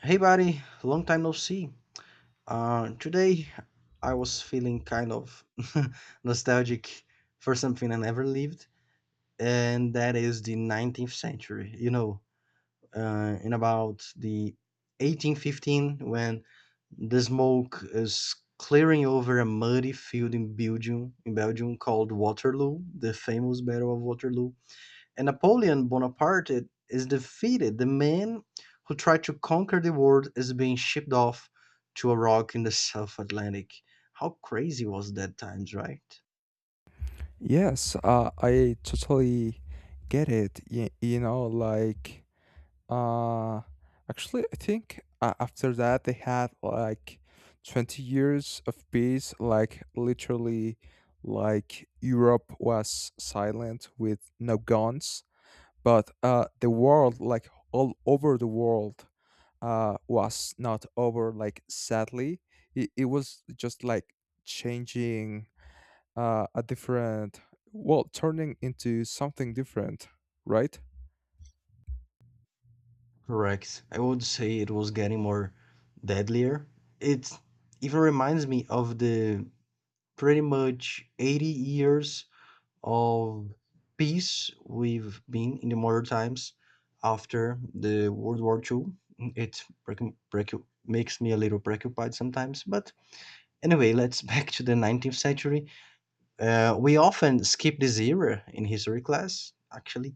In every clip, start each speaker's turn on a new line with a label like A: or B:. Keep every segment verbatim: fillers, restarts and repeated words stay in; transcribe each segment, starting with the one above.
A: Hey, buddy, long time no see. Uh, today I was feeling kind of nostalgic for something I never lived, and that is the nineteenth century. You know, uh, in about the eighteen fifteen, when the smoke is clearing over a muddy field in Belgium, in Belgium called Waterloo, the famous Battle of Waterloo and Napoleon Bonaparte is defeated, the man who tried to conquer the world is being shipped off to a rock in the South Atlantic. How crazy was that times, right?
B: Yes, uh, I totally get it. You, you know, like, uh, actually, I think uh, after that they had like twenty years of peace. Like, literally, like Europe was silent with no guns, but uh, the world, like all over the world, uh, was not over. Like, sadly, it, it was just like changing, uh, a different, well, turning into something different, right?
A: Correct. I would say it was getting more deadlier. It even reminds me of the pretty much eighty years of peace we've been in the modern times after the World War Two. It precu- precu- makes me a little preoccupied sometimes. But anyway, let's back to the nineteenth century. Uh, we often skip this era in history class, actually.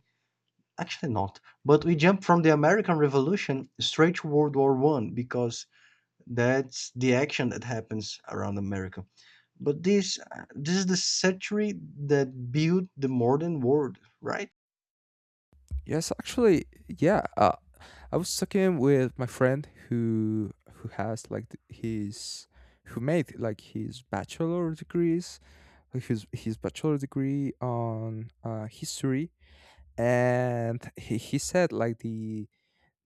A: Actually, not. But we jump from the American Revolution straight to World War One because that's the action that happens around America. But this uh, this is the century that built the modern world, right?
B: Yes, actually, yeah, uh, I was talking with my friend who who has like th- his who made like his bachelor degrees, like his his bachelor degree on uh, history. And he, he said like the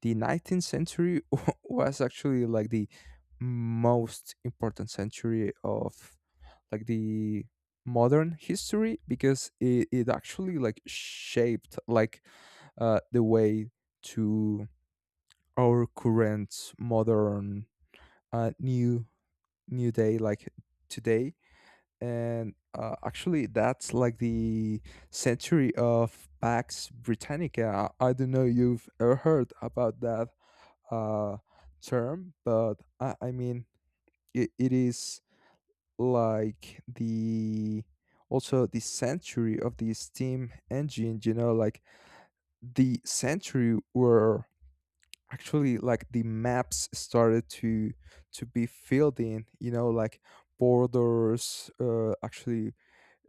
B: the nineteenth century was actually like the most important century of, like, the modern history because it, it actually like shaped, like, uh, the way to our current modern, uh, new new day, like today. And uh, actually that's like the century of Pax Britannica. I don't know you've ever heard about that, uh, term, but i, I mean, it, it is like the also the century of the steam engine, you know like the century where actually like the maps started to to be filled in, you know like borders, uh, actually,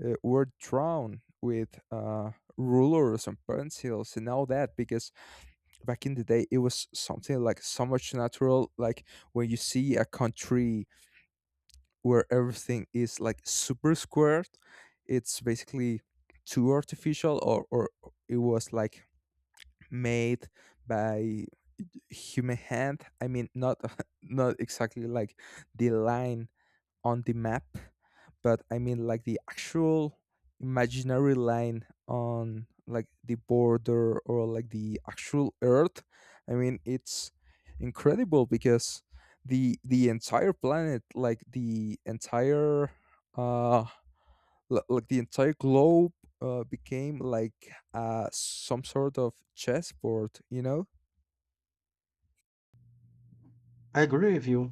B: uh, were drawn with uh, rulers and pencils and all that, because back in the day it was something like so much natural, like when you see a country where everything is like super squared. It's basically too artificial, or, or it was like made by human hand. I mean, not not exactly like the line on the map, but I mean like the actual imaginary line on like the border or like the actual earth. I mean, it's incredible because the the entire planet, like the entire uh l- like the entire globe, uh, became like, uh some sort of chessboard, you know?
A: I agree with you.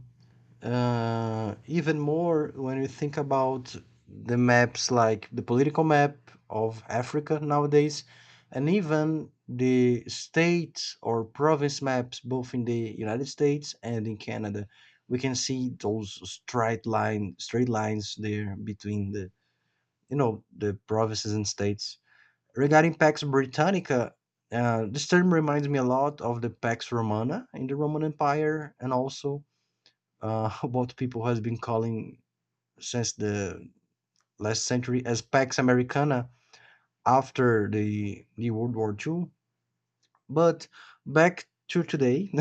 A: Uh, even more when you think about the maps, like the political map of Africa nowadays, and even the state or province maps, both in the United States and in Canada, we can see those straight line, straight lines there between the you know the provinces and states. Regarding Pax Britannica, uh, this term reminds me a lot of the Pax Romana in the Roman Empire, and also uh, what people who has been calling since the last century as Pax Americana after the, the World War Two. But back to today,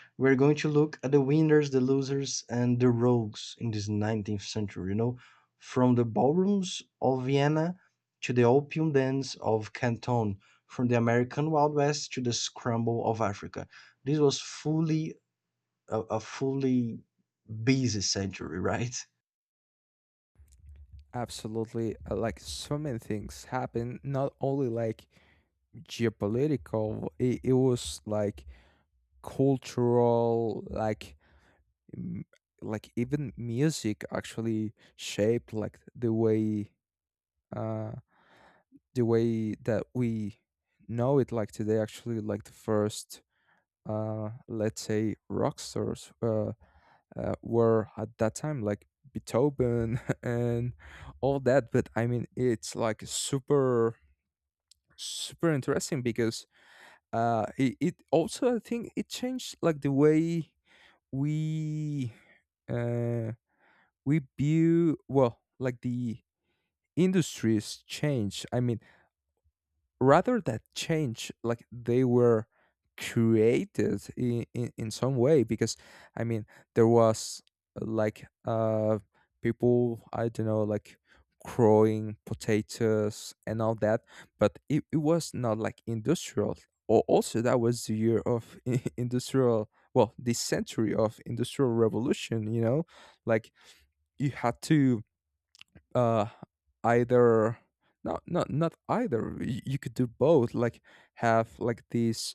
A: we're going to look at the winners, the losers, and the rogues in this nineteenth century, you know, from the ballrooms of Vienna to the opium dens of Canton, from the American Wild West to the scramble of Africa. This was fully a, a fully busy century, right?
B: Absolutely, uh, like so many things happen, not only like geopolitical, it, it was like cultural, like m- like even music actually shaped like the way, uh the way that we know it like today. Actually, like, the first, uh let's say, rock stars, uh, uh were at that time, like Beethoven and all that, but I mean it's like super, super interesting because uh it, it also, I think, it changed like the way we, uh we view, well, like the industries change. I mean, rather that change, like, they were created in, in, in some way because I mean there was, uh, like, uh people, I don't know, like growing potatoes and all that. But it, it was not like industrial, or also, that was the year of industrial, well, the century of industrial revolution, you know like, you had to, uh either, not not not either Y- you could do both, like have like these,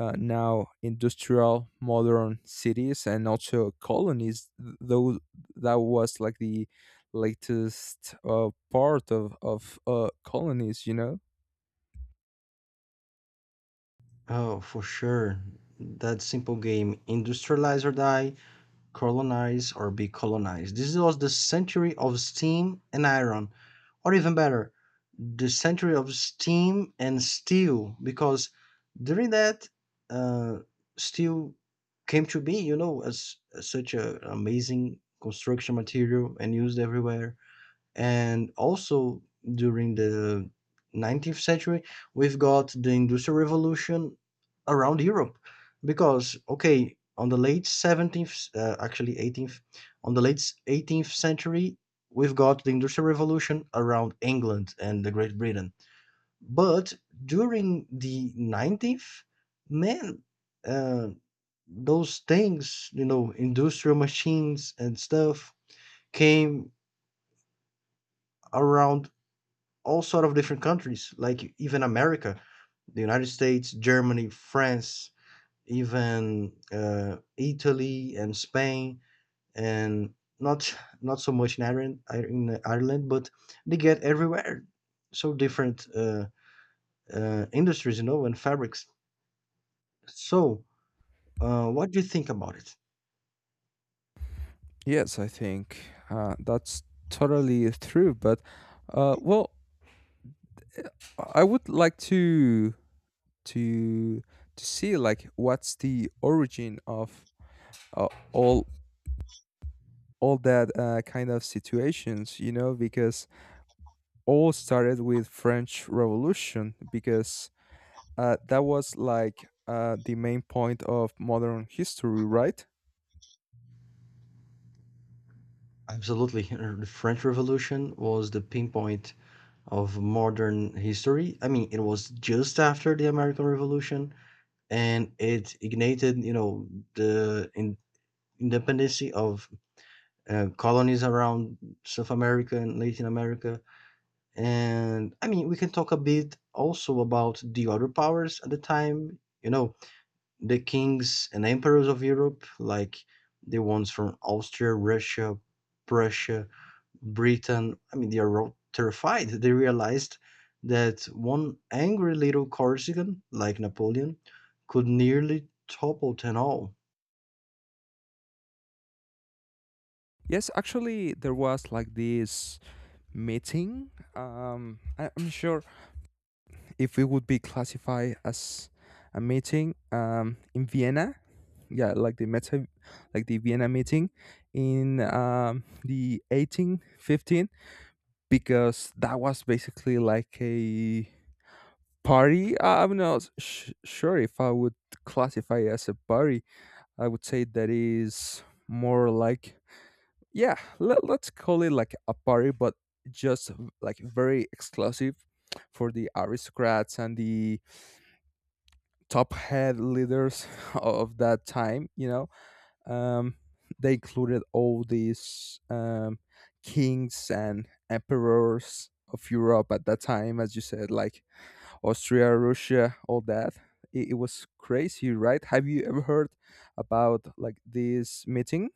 B: uh, now, industrial modern cities and also colonies. Th- though that was like the latest, uh, part of of uh, colonies, you know.
A: Oh, for sure. That simple game, industrialize or die, colonize or be colonized. This was the century of steam and iron, or even better, the century of steam and steel, because during that, uh, steel came to be, you know, as, as such an amazing construction material and used everywhere. And also during the nineteenth century, we've got the Industrial Revolution around Europe because, okay, on the late seventeenth, uh, actually eighteenth, on the late eighteenth century, we've got the Industrial Revolution around England and the Great Britain. But during the nineteenth, man, uh, those things, you know, industrial machines and stuff came around all sort of different countries, like even America, the United States, Germany, France, even uh, Italy and Spain, and not not so much in Ireland, in Ireland, but they get everywhere. So different uh, uh, industries, you know, and fabrics. So, uh, what do you think about it?
B: Yes, I think, uh, that's totally true, but, uh, well, I would like to to to see, like, what's the origin of, uh, all all that, uh, kind of situations, you know, because all started with French Revolution, because, uh, that was like, uh, the main point of modern history, right?
A: Absolutely, the French Revolution was the pinpoint of modern history. I mean, it was just after the American Revolution, and it ignited, you know the in, independency of uh, colonies around South America and Latin America. And I mean, we can talk a bit also about the other powers at the time, you know, the kings and emperors of Europe, like the ones from Austria, Russia, Prussia, Britain, I mean, they are terrified. They realized that one angry little Corsican, like Napoleon, could nearly topple them all.
B: Yes, actually there was like this meeting. um, I- I'm sure if it would be classified as a meeting, um, in Vienna. Yeah, like the meta, like the Vienna meeting in, um, the eighteen fifteen, because that was basically like a party. I- I'm not sh- sure if I would classify as a party. I would say that is more like, yeah, let, let's call it like a party, but just v- like very exclusive for the aristocrats and the top head leaders of that time, you know? um, they included all these, um, kings and emperors of Europe at that time, as you said, like Austria, Russia, all that. It, it was crazy, right? Have you ever heard about like this meeting?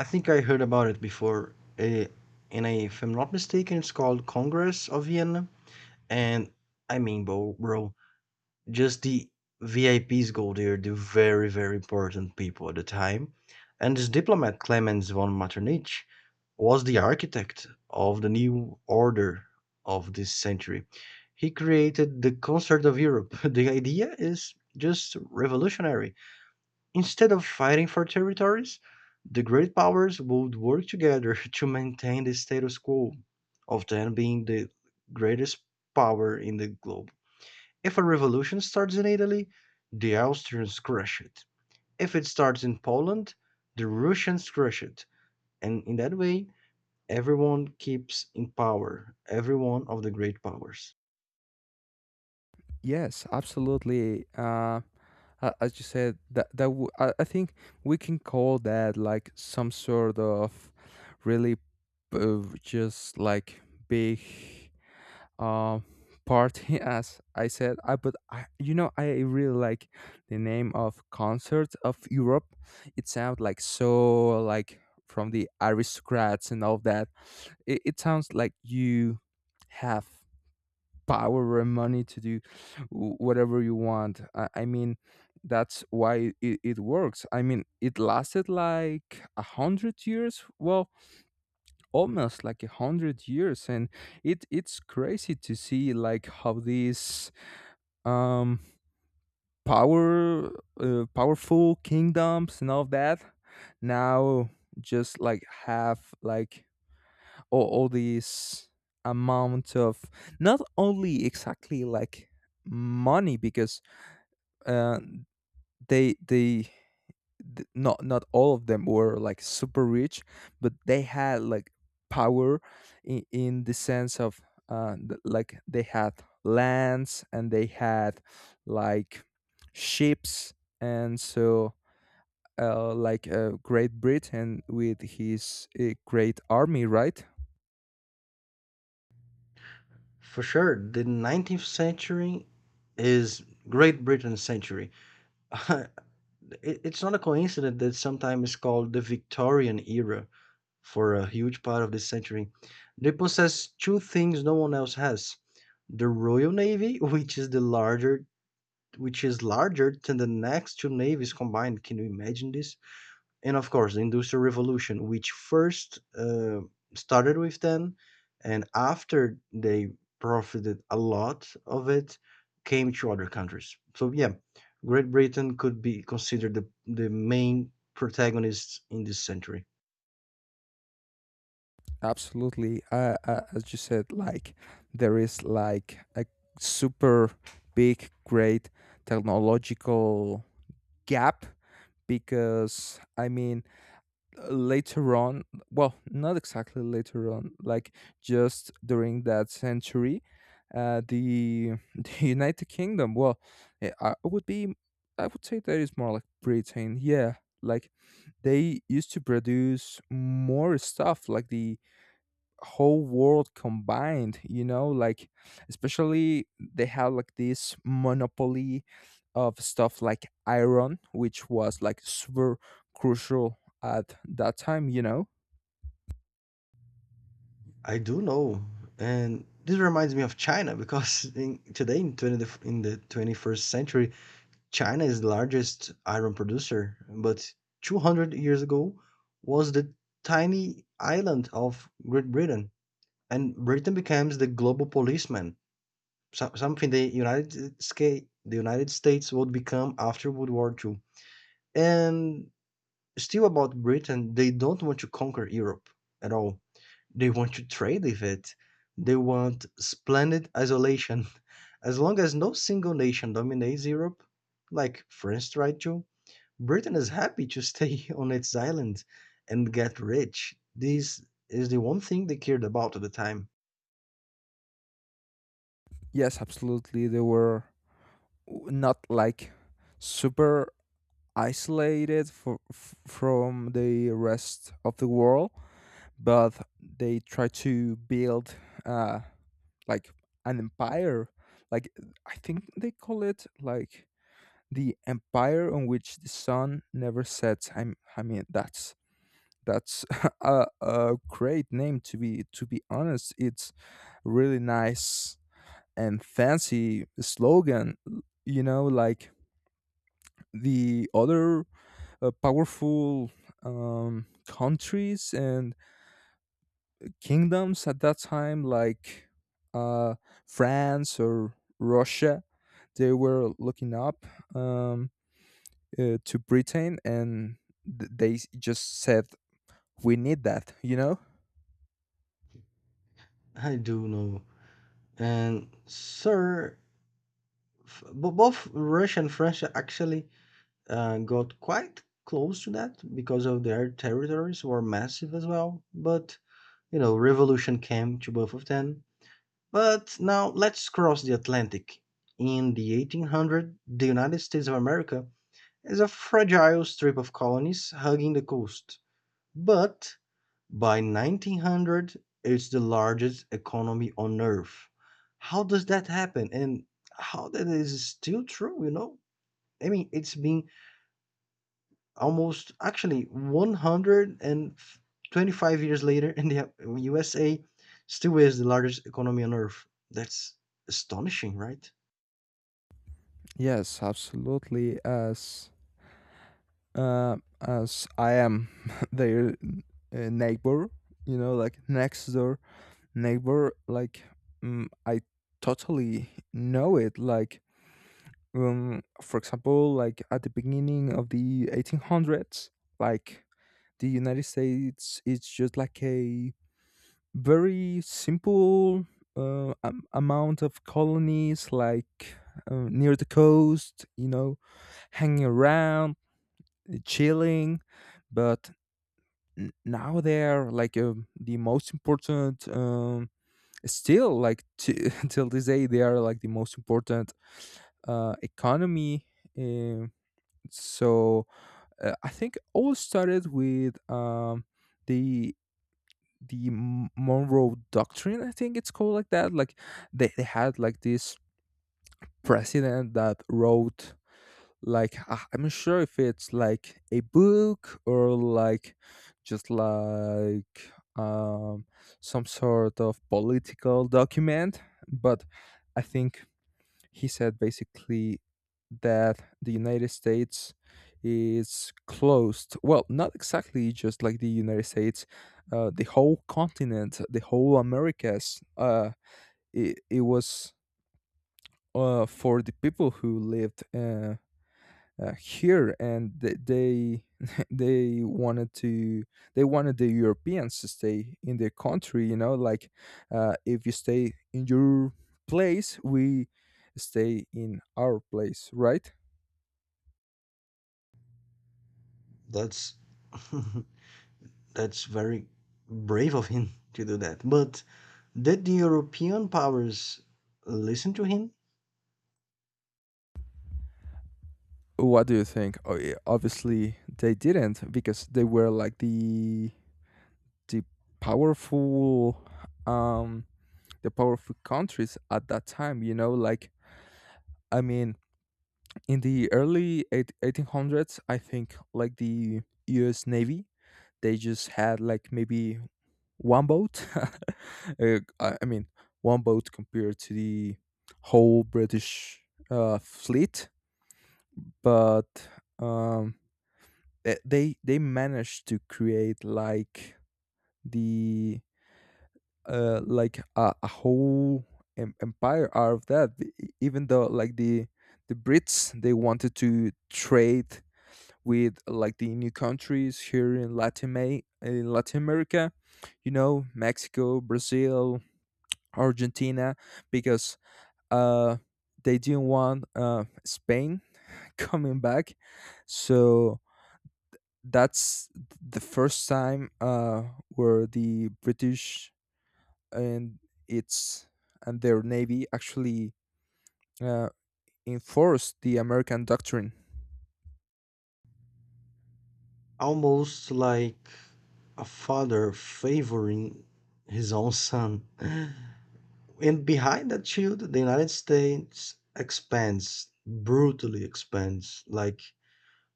A: I think I heard about it before. Eh, and I, if I'm not mistaken, it's called Congress of Vienna. And I mean, bro, bro Just the V I Ps go there, the very, very important people at the time. And this diplomat, Clemens von Metternich, was the architect of the new order of this century. He created the Concert of Europe. The idea is just revolutionary. Instead of fighting for territories, the great powers would work together to maintain the status quo of then being the greatest power in the globe. If a revolution starts in Italy, the Austrians crush it. If it starts in Poland, the Russians crush it. And in that way, everyone keeps in power, every one of the great powers.
B: Yes, absolutely. Uh, a- as you said, that that w- I, I think we can call that like some sort of really, uh, just like big, uh, party as I said, I but I, you know I really like the name of Concert of Europe. It sounds like so, like from the aristocrats and all that. It, it sounds like you have power and money to do wh- whatever you want. I, I mean, that's why it, it works. I mean, it lasted like a hundred years, well, almost like a hundred years, and it it's crazy to see, like, how these, um power uh, powerful kingdoms and all that now just like have like all, all these amount of, not only exactly like money, because, uh, they they th- not not all of them were like super rich, but they had like power in, in the sense of, uh, th- like they had lands and they had like ships. And so, uh, like, uh, Great Britain with his, uh, great army, right?
A: For sure, the nineteenth century is Great Britain's century. It- it's not a coincidence that sometimes it's called the Victorian era for a huge part of this century. They possess two things no one else has, the Royal Navy, which is the larger which is larger than the next two navies combined. Can you imagine this? And of course, the Industrial Revolution, which first uh, started with them, and after they profited a lot of it, came to other countries. So yeah, Great Britain could be considered the the main protagonist in this century.
B: Absolutely. Uh, uh, as you said, like there is like a super big, great technological gap, because, I mean, later on, well, not exactly later on, like just during that century, uh, the the United Kingdom. Well, eh, I would be, I would say that is more like Britain, yeah. Like they used to produce more stuff, like the whole world combined, you know like especially they have like this monopoly of stuff like iron which was like super crucial at that time, you know.
A: I do know, and this reminds me of China because in, today in twenty in the twenty first century, China is the largest iron producer, but two hundred years ago was the tiny island of Great Britain, and Britain becomes the global policeman, so- something the United States, the United States would become after World War Two. And still about Britain, they don't want to conquer Europe at all. They want to trade with it. They want splendid isolation. As long as no single nation dominates Europe, like France tried to, Britain is happy to stay on its island and get rich. This is the one thing they cared about at the time.
B: Yes, absolutely, they were not like super isolated for, f- from the rest of the world, but they tried to build, uh like, an empire, like, I think they call it like the empire on which the sun never sets. I, I mean, that's that's a, a great name, to be to be honest. It's really nice and fancy slogan. You know, like the other, uh, powerful, um, countries and kingdoms at that time, like, uh, France or Russia, they were looking up. Um, uh, to Britain, and th- they s- just said, we need that, you know?
A: I do know. And, sir, f- bo- both Russia and France actually uh, got quite close to that because of their territories were massive as well. But, you know, revolution came to both of them. But now let's cross the Atlantic. In the eighteen hundred, the United States of America as a fragile strip of colonies hugging the coast, but by nineteen hundred it's the largest economy on earth. How does that happen and how that is still true, you know? I mean, it's been almost actually one hundred twenty-five years later and the U S A still is the largest economy on earth. That's astonishing, right?
B: Yes, absolutely. As uh, as I am their, uh, neighbor, you know, like next door neighbor, like, mm, I totally know it. Like, um, for example, like at the beginning of the eighteen hundreds, like the United States, it's just like a very simple, uh, am- amount of colonies, like, uh, near the coast, you know, hanging around, uh, chilling. But n- now they're like, uh the most important, um, still like t- till this day they are like the most important, uh, economy, um so, uh, I think all started with, um, the the M- Monroe Doctrine, I think it's called like that. Like they, they had like this president that wrote like, I- I'm not sure if it's like a book or like just like, um some sort of political document, but I think he said basically that the United States is closed. Well, not exactly just like the United States, uh, the whole continent, the whole Americas. Uh, it, it was, uh, for the people who lived, uh, uh, here. And th- they they wanted to they wanted the Europeans to stay in their country, you know like, uh, if you stay in your place, we stay in our place, right?
A: That's that's very brave of him to do that. But did the European powers listen to him?
B: What do you think? Oh, yeah, obviously they didn't, because they were like the the powerful, um the powerful countries at that time, you know, like, I mean, in the early eight- eighteen hundreds, I think like the US Navy, they just had like maybe one boat Uh, i I mean, one boat compared to the whole British, uh, fleet, but, um, they they they managed to create like the, uh, like a, a whole, em- empire out of that. E- even though like the the Brits, they wanted to trade with like the new countries here in Latin May, in Latin America, you know, Mexico, Brazil, Argentina, because, uh, they didn't want, uh, Spain coming back. So that's the first time, uh, where the British, and its and their navy actually, uh, enforced the American doctrine.
A: Almost like a father favoring his own son. And behind that shield, the United States expands, brutally expands, like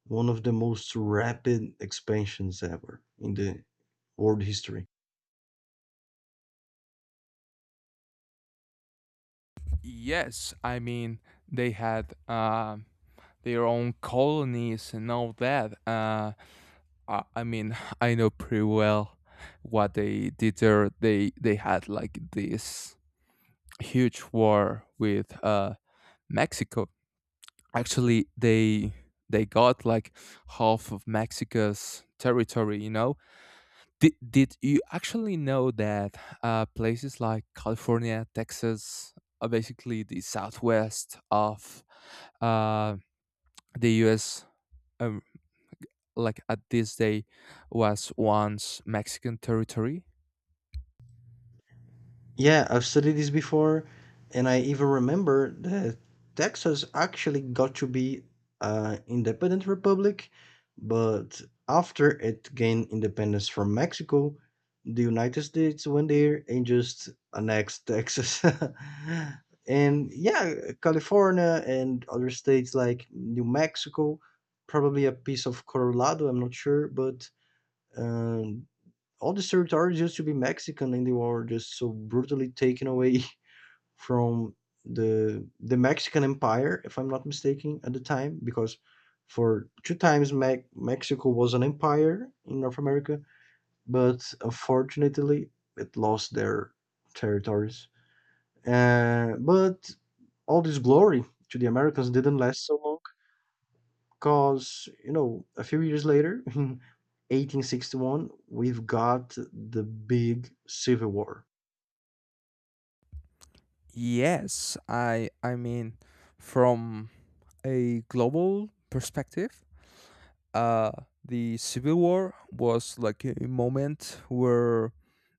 A: one of the most rapid expansions ever in the world history.
B: Yes, I mean, they had, uh, their own colonies and all that. Uh, I, I mean, I know pretty well what they did there. They they had like this huge war with, uh, Mexico. Actually, they they got like half of Mexico's territory. You know, did did you actually know that, uh, places like California, Texas, are basically the southwest of, uh, the U S like at this day was once Mexican territory?
A: Yeah, I've studied this before, and I even remember that Texas actually got to be an independent republic, but after it gained independence from Mexico, the United States went there and just annexed Texas. And yeah, California and other states like New Mexico, probably a piece of Colorado, I'm not sure, but. Um, all the territories used to be Mexican and they were just so brutally taken away from the the Mexican Empire, if I'm not mistaken, at the time, because for two times Me- Mexico was an empire in North America, but unfortunately it lost their territories. Uh, but all this glory to the Americans didn't last so long because you know a few years later in eighteen sixty-one we've got the big civil war.
B: Yes, I I mean, from a global perspective, uh the Civil War was like a moment where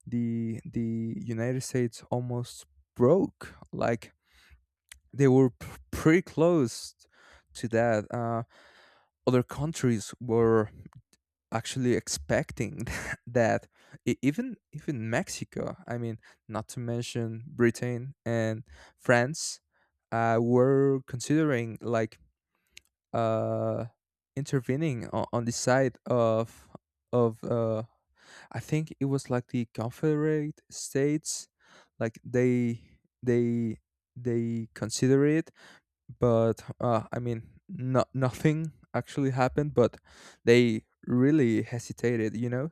B: the the United States almost broke. Like, they were p- pretty close to that. Uh. Other countries were actually expecting that, e- even even Mexico, I mean, not to mention Britain and France, uh, were considering, like, uh, intervening on, on the side of of, uh, I think it was like the Confederate States, like they they they consider it, but, uh, I mean, no, nothing actually happened, but they really hesitated, you know?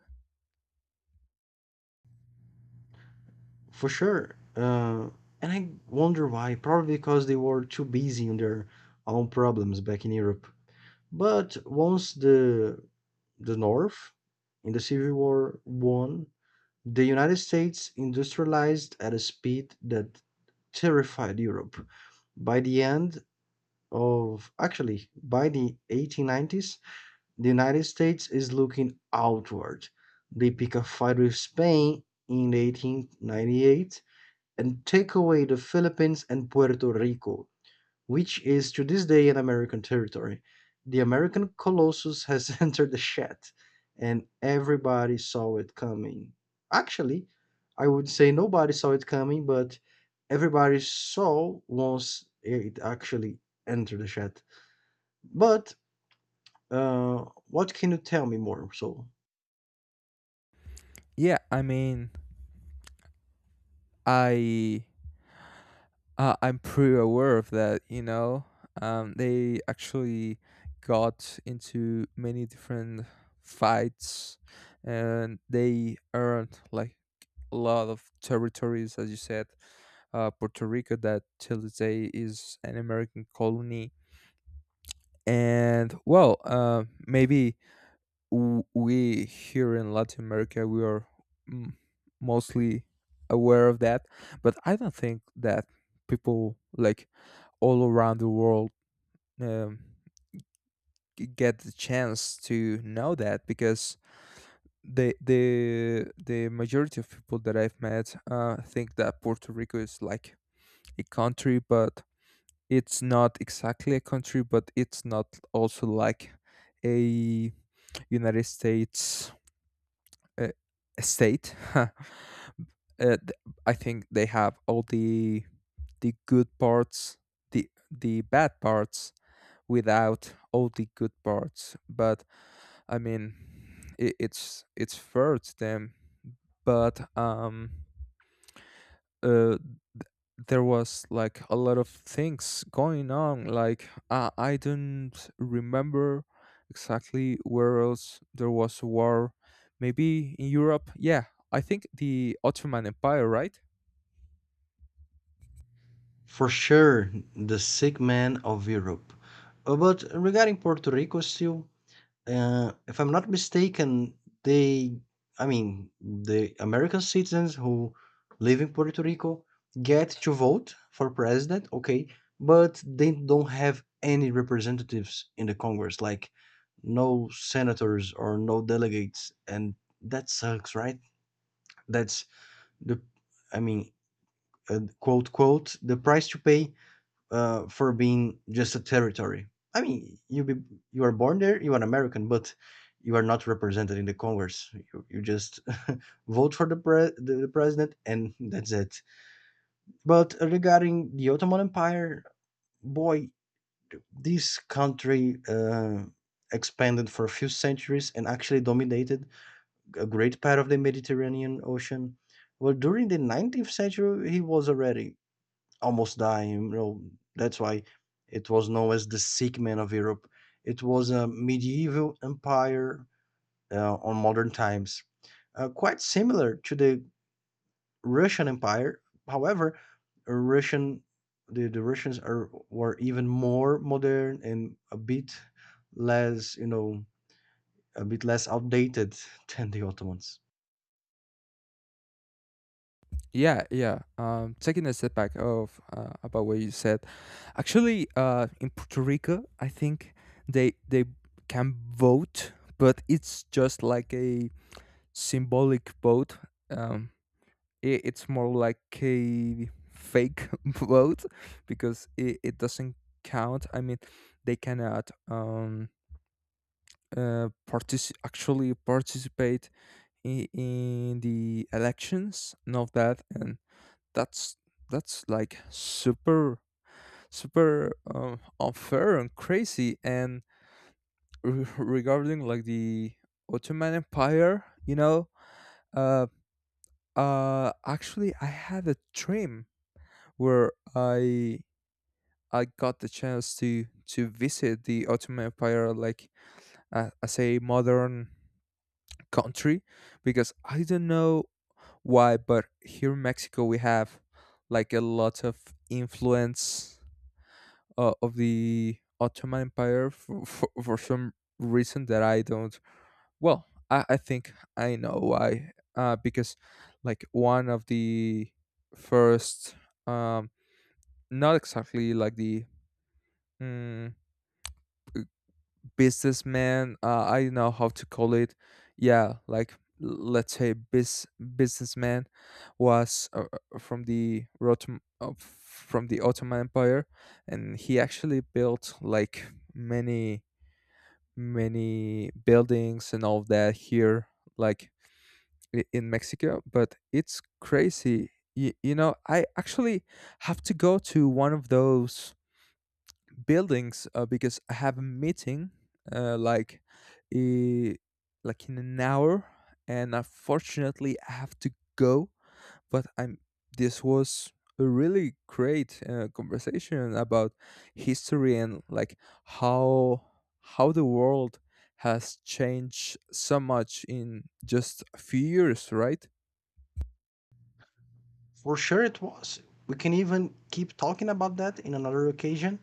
A: For sure. Uh, and I wonder why. Probably because they were too busy on their own problems back in Europe. But once the the North in the Civil War won, the United States industrialized at a speed that terrified Europe. By the end of, actually by the eighteen nineties, the United States is looking outward. They pick a fight with Spain in eighteen ninety-eight and take away the Philippines and Puerto Rico, which is to this day an American territory. The American Colossus has entered the shed, and everybody saw it coming. Actually, I would say nobody saw it coming, but everybody saw once it actually entered the shed. But uh, what can you tell me more? So,
B: Yeah, I mean, I uh, I'm pretty aware of that, you know. Um, they actually got into many different fights, and they earned like a lot of territories, as you said. Uh, Puerto Rico, that till today is an American colony, and well, uh, maybe, w- we here in Latin America, we are, mm, mostly aware of that, but I don't think that people like all around the world, um, g- get the chance to know that, because the the the majority of people that I've met, uh, think that Puerto Rico is like a country, but it's not exactly a country, but it's not also like a United States, uh, state, uh, th- I think they have all the the good parts, the the bad parts without all the good parts. But I mean, it, it's it's fair to them. But, um, uh, th- there was like a lot of things going on. Like, I I don't remember exactly where else there was a war. Maybe in Europe. Yeah, I think the Ottoman Empire, right?
A: for sure, the sick man of Europe. Uh, but regarding Puerto Rico, still, Uh, if I'm not mistaken, they I mean, the American citizens who live in Puerto Rico get to vote for president, okay, but they don't have any representatives in the Congress, like no senators or no delegates, and that sucks, right? That's the I mean, uh, quote quote the price to pay uh, for being just a territory. I mean, you be, you are born there, you are American, but you are not represented in the Congress. You, you just vote for the, pre- the the president, and that's it. But regarding the Ottoman Empire, boy, this country uh, expanded for a few centuries and actually dominated a great part of the Mediterranean Ocean. Well, during the nineteenth century, he was already almost dying. You know, that's why it was known as the sick man of Europe. It was a medieval empire uh, on modern times, uh, quite similar to the Russian Empire. However, Russian the, the Russians are were even more modern and a bit less, you know, a bit less outdated than the Ottomans.
B: Yeah, yeah. Um, taking a step back of, uh, about what you said, actually, uh, in Puerto Rico, I think they they can vote, but it's just like a symbolic vote. Um, I it's more like a fake vote because it, it doesn't count. I mean, they cannot, um uh partici- actually participate in, in the elections and all that, and that's that's like super, super, um, unfair and crazy. And re- regarding, like, the Ottoman Empire, you know, uh, uh, actually, I had a dream where I I got the chance to to visit the Ottoman Empire, like, uh, as a modern country, because I don't know why, but here in Mexico we have like a lot of influence, uh, of the Ottoman Empire for, for, for some reason that I don't. Well, I, I think I know why. Uh, because, like, one of the first, um, not exactly like the, mm, businessman, uh, I don't know how to call it. Yeah, like, let's say, bis- businessman, was, uh, uh, from the, Rotom- uh, from the Ottoman Empire, and he actually built like many many buildings and all of that here, like, i- in Mexico. But it's crazy. You, you know, I actually have to go to one of those buildings, uh, because I have a meeting, uh, like, uh, like in an hour, and unfortunately I have to go, but I'm this was a really great, uh, conversation about history and like how how the world has changed so much in just a few years, right?
A: For sure, it was. We can even keep talking about that in another occasion.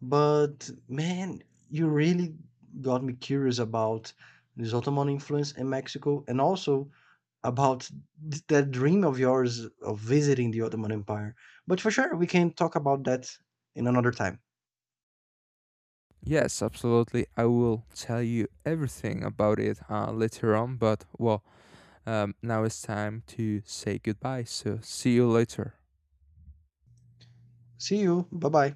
A: But man, you really got me curious about this Ottoman influence in Mexico and also about th- that dream of yours of visiting the Ottoman Empire. But for sure, we can talk about that in another time.
B: Yes, absolutely. I will tell you everything about it, uh, later on. But well, um, now it's time to say goodbye. So, see you later.
A: See you. Bye bye.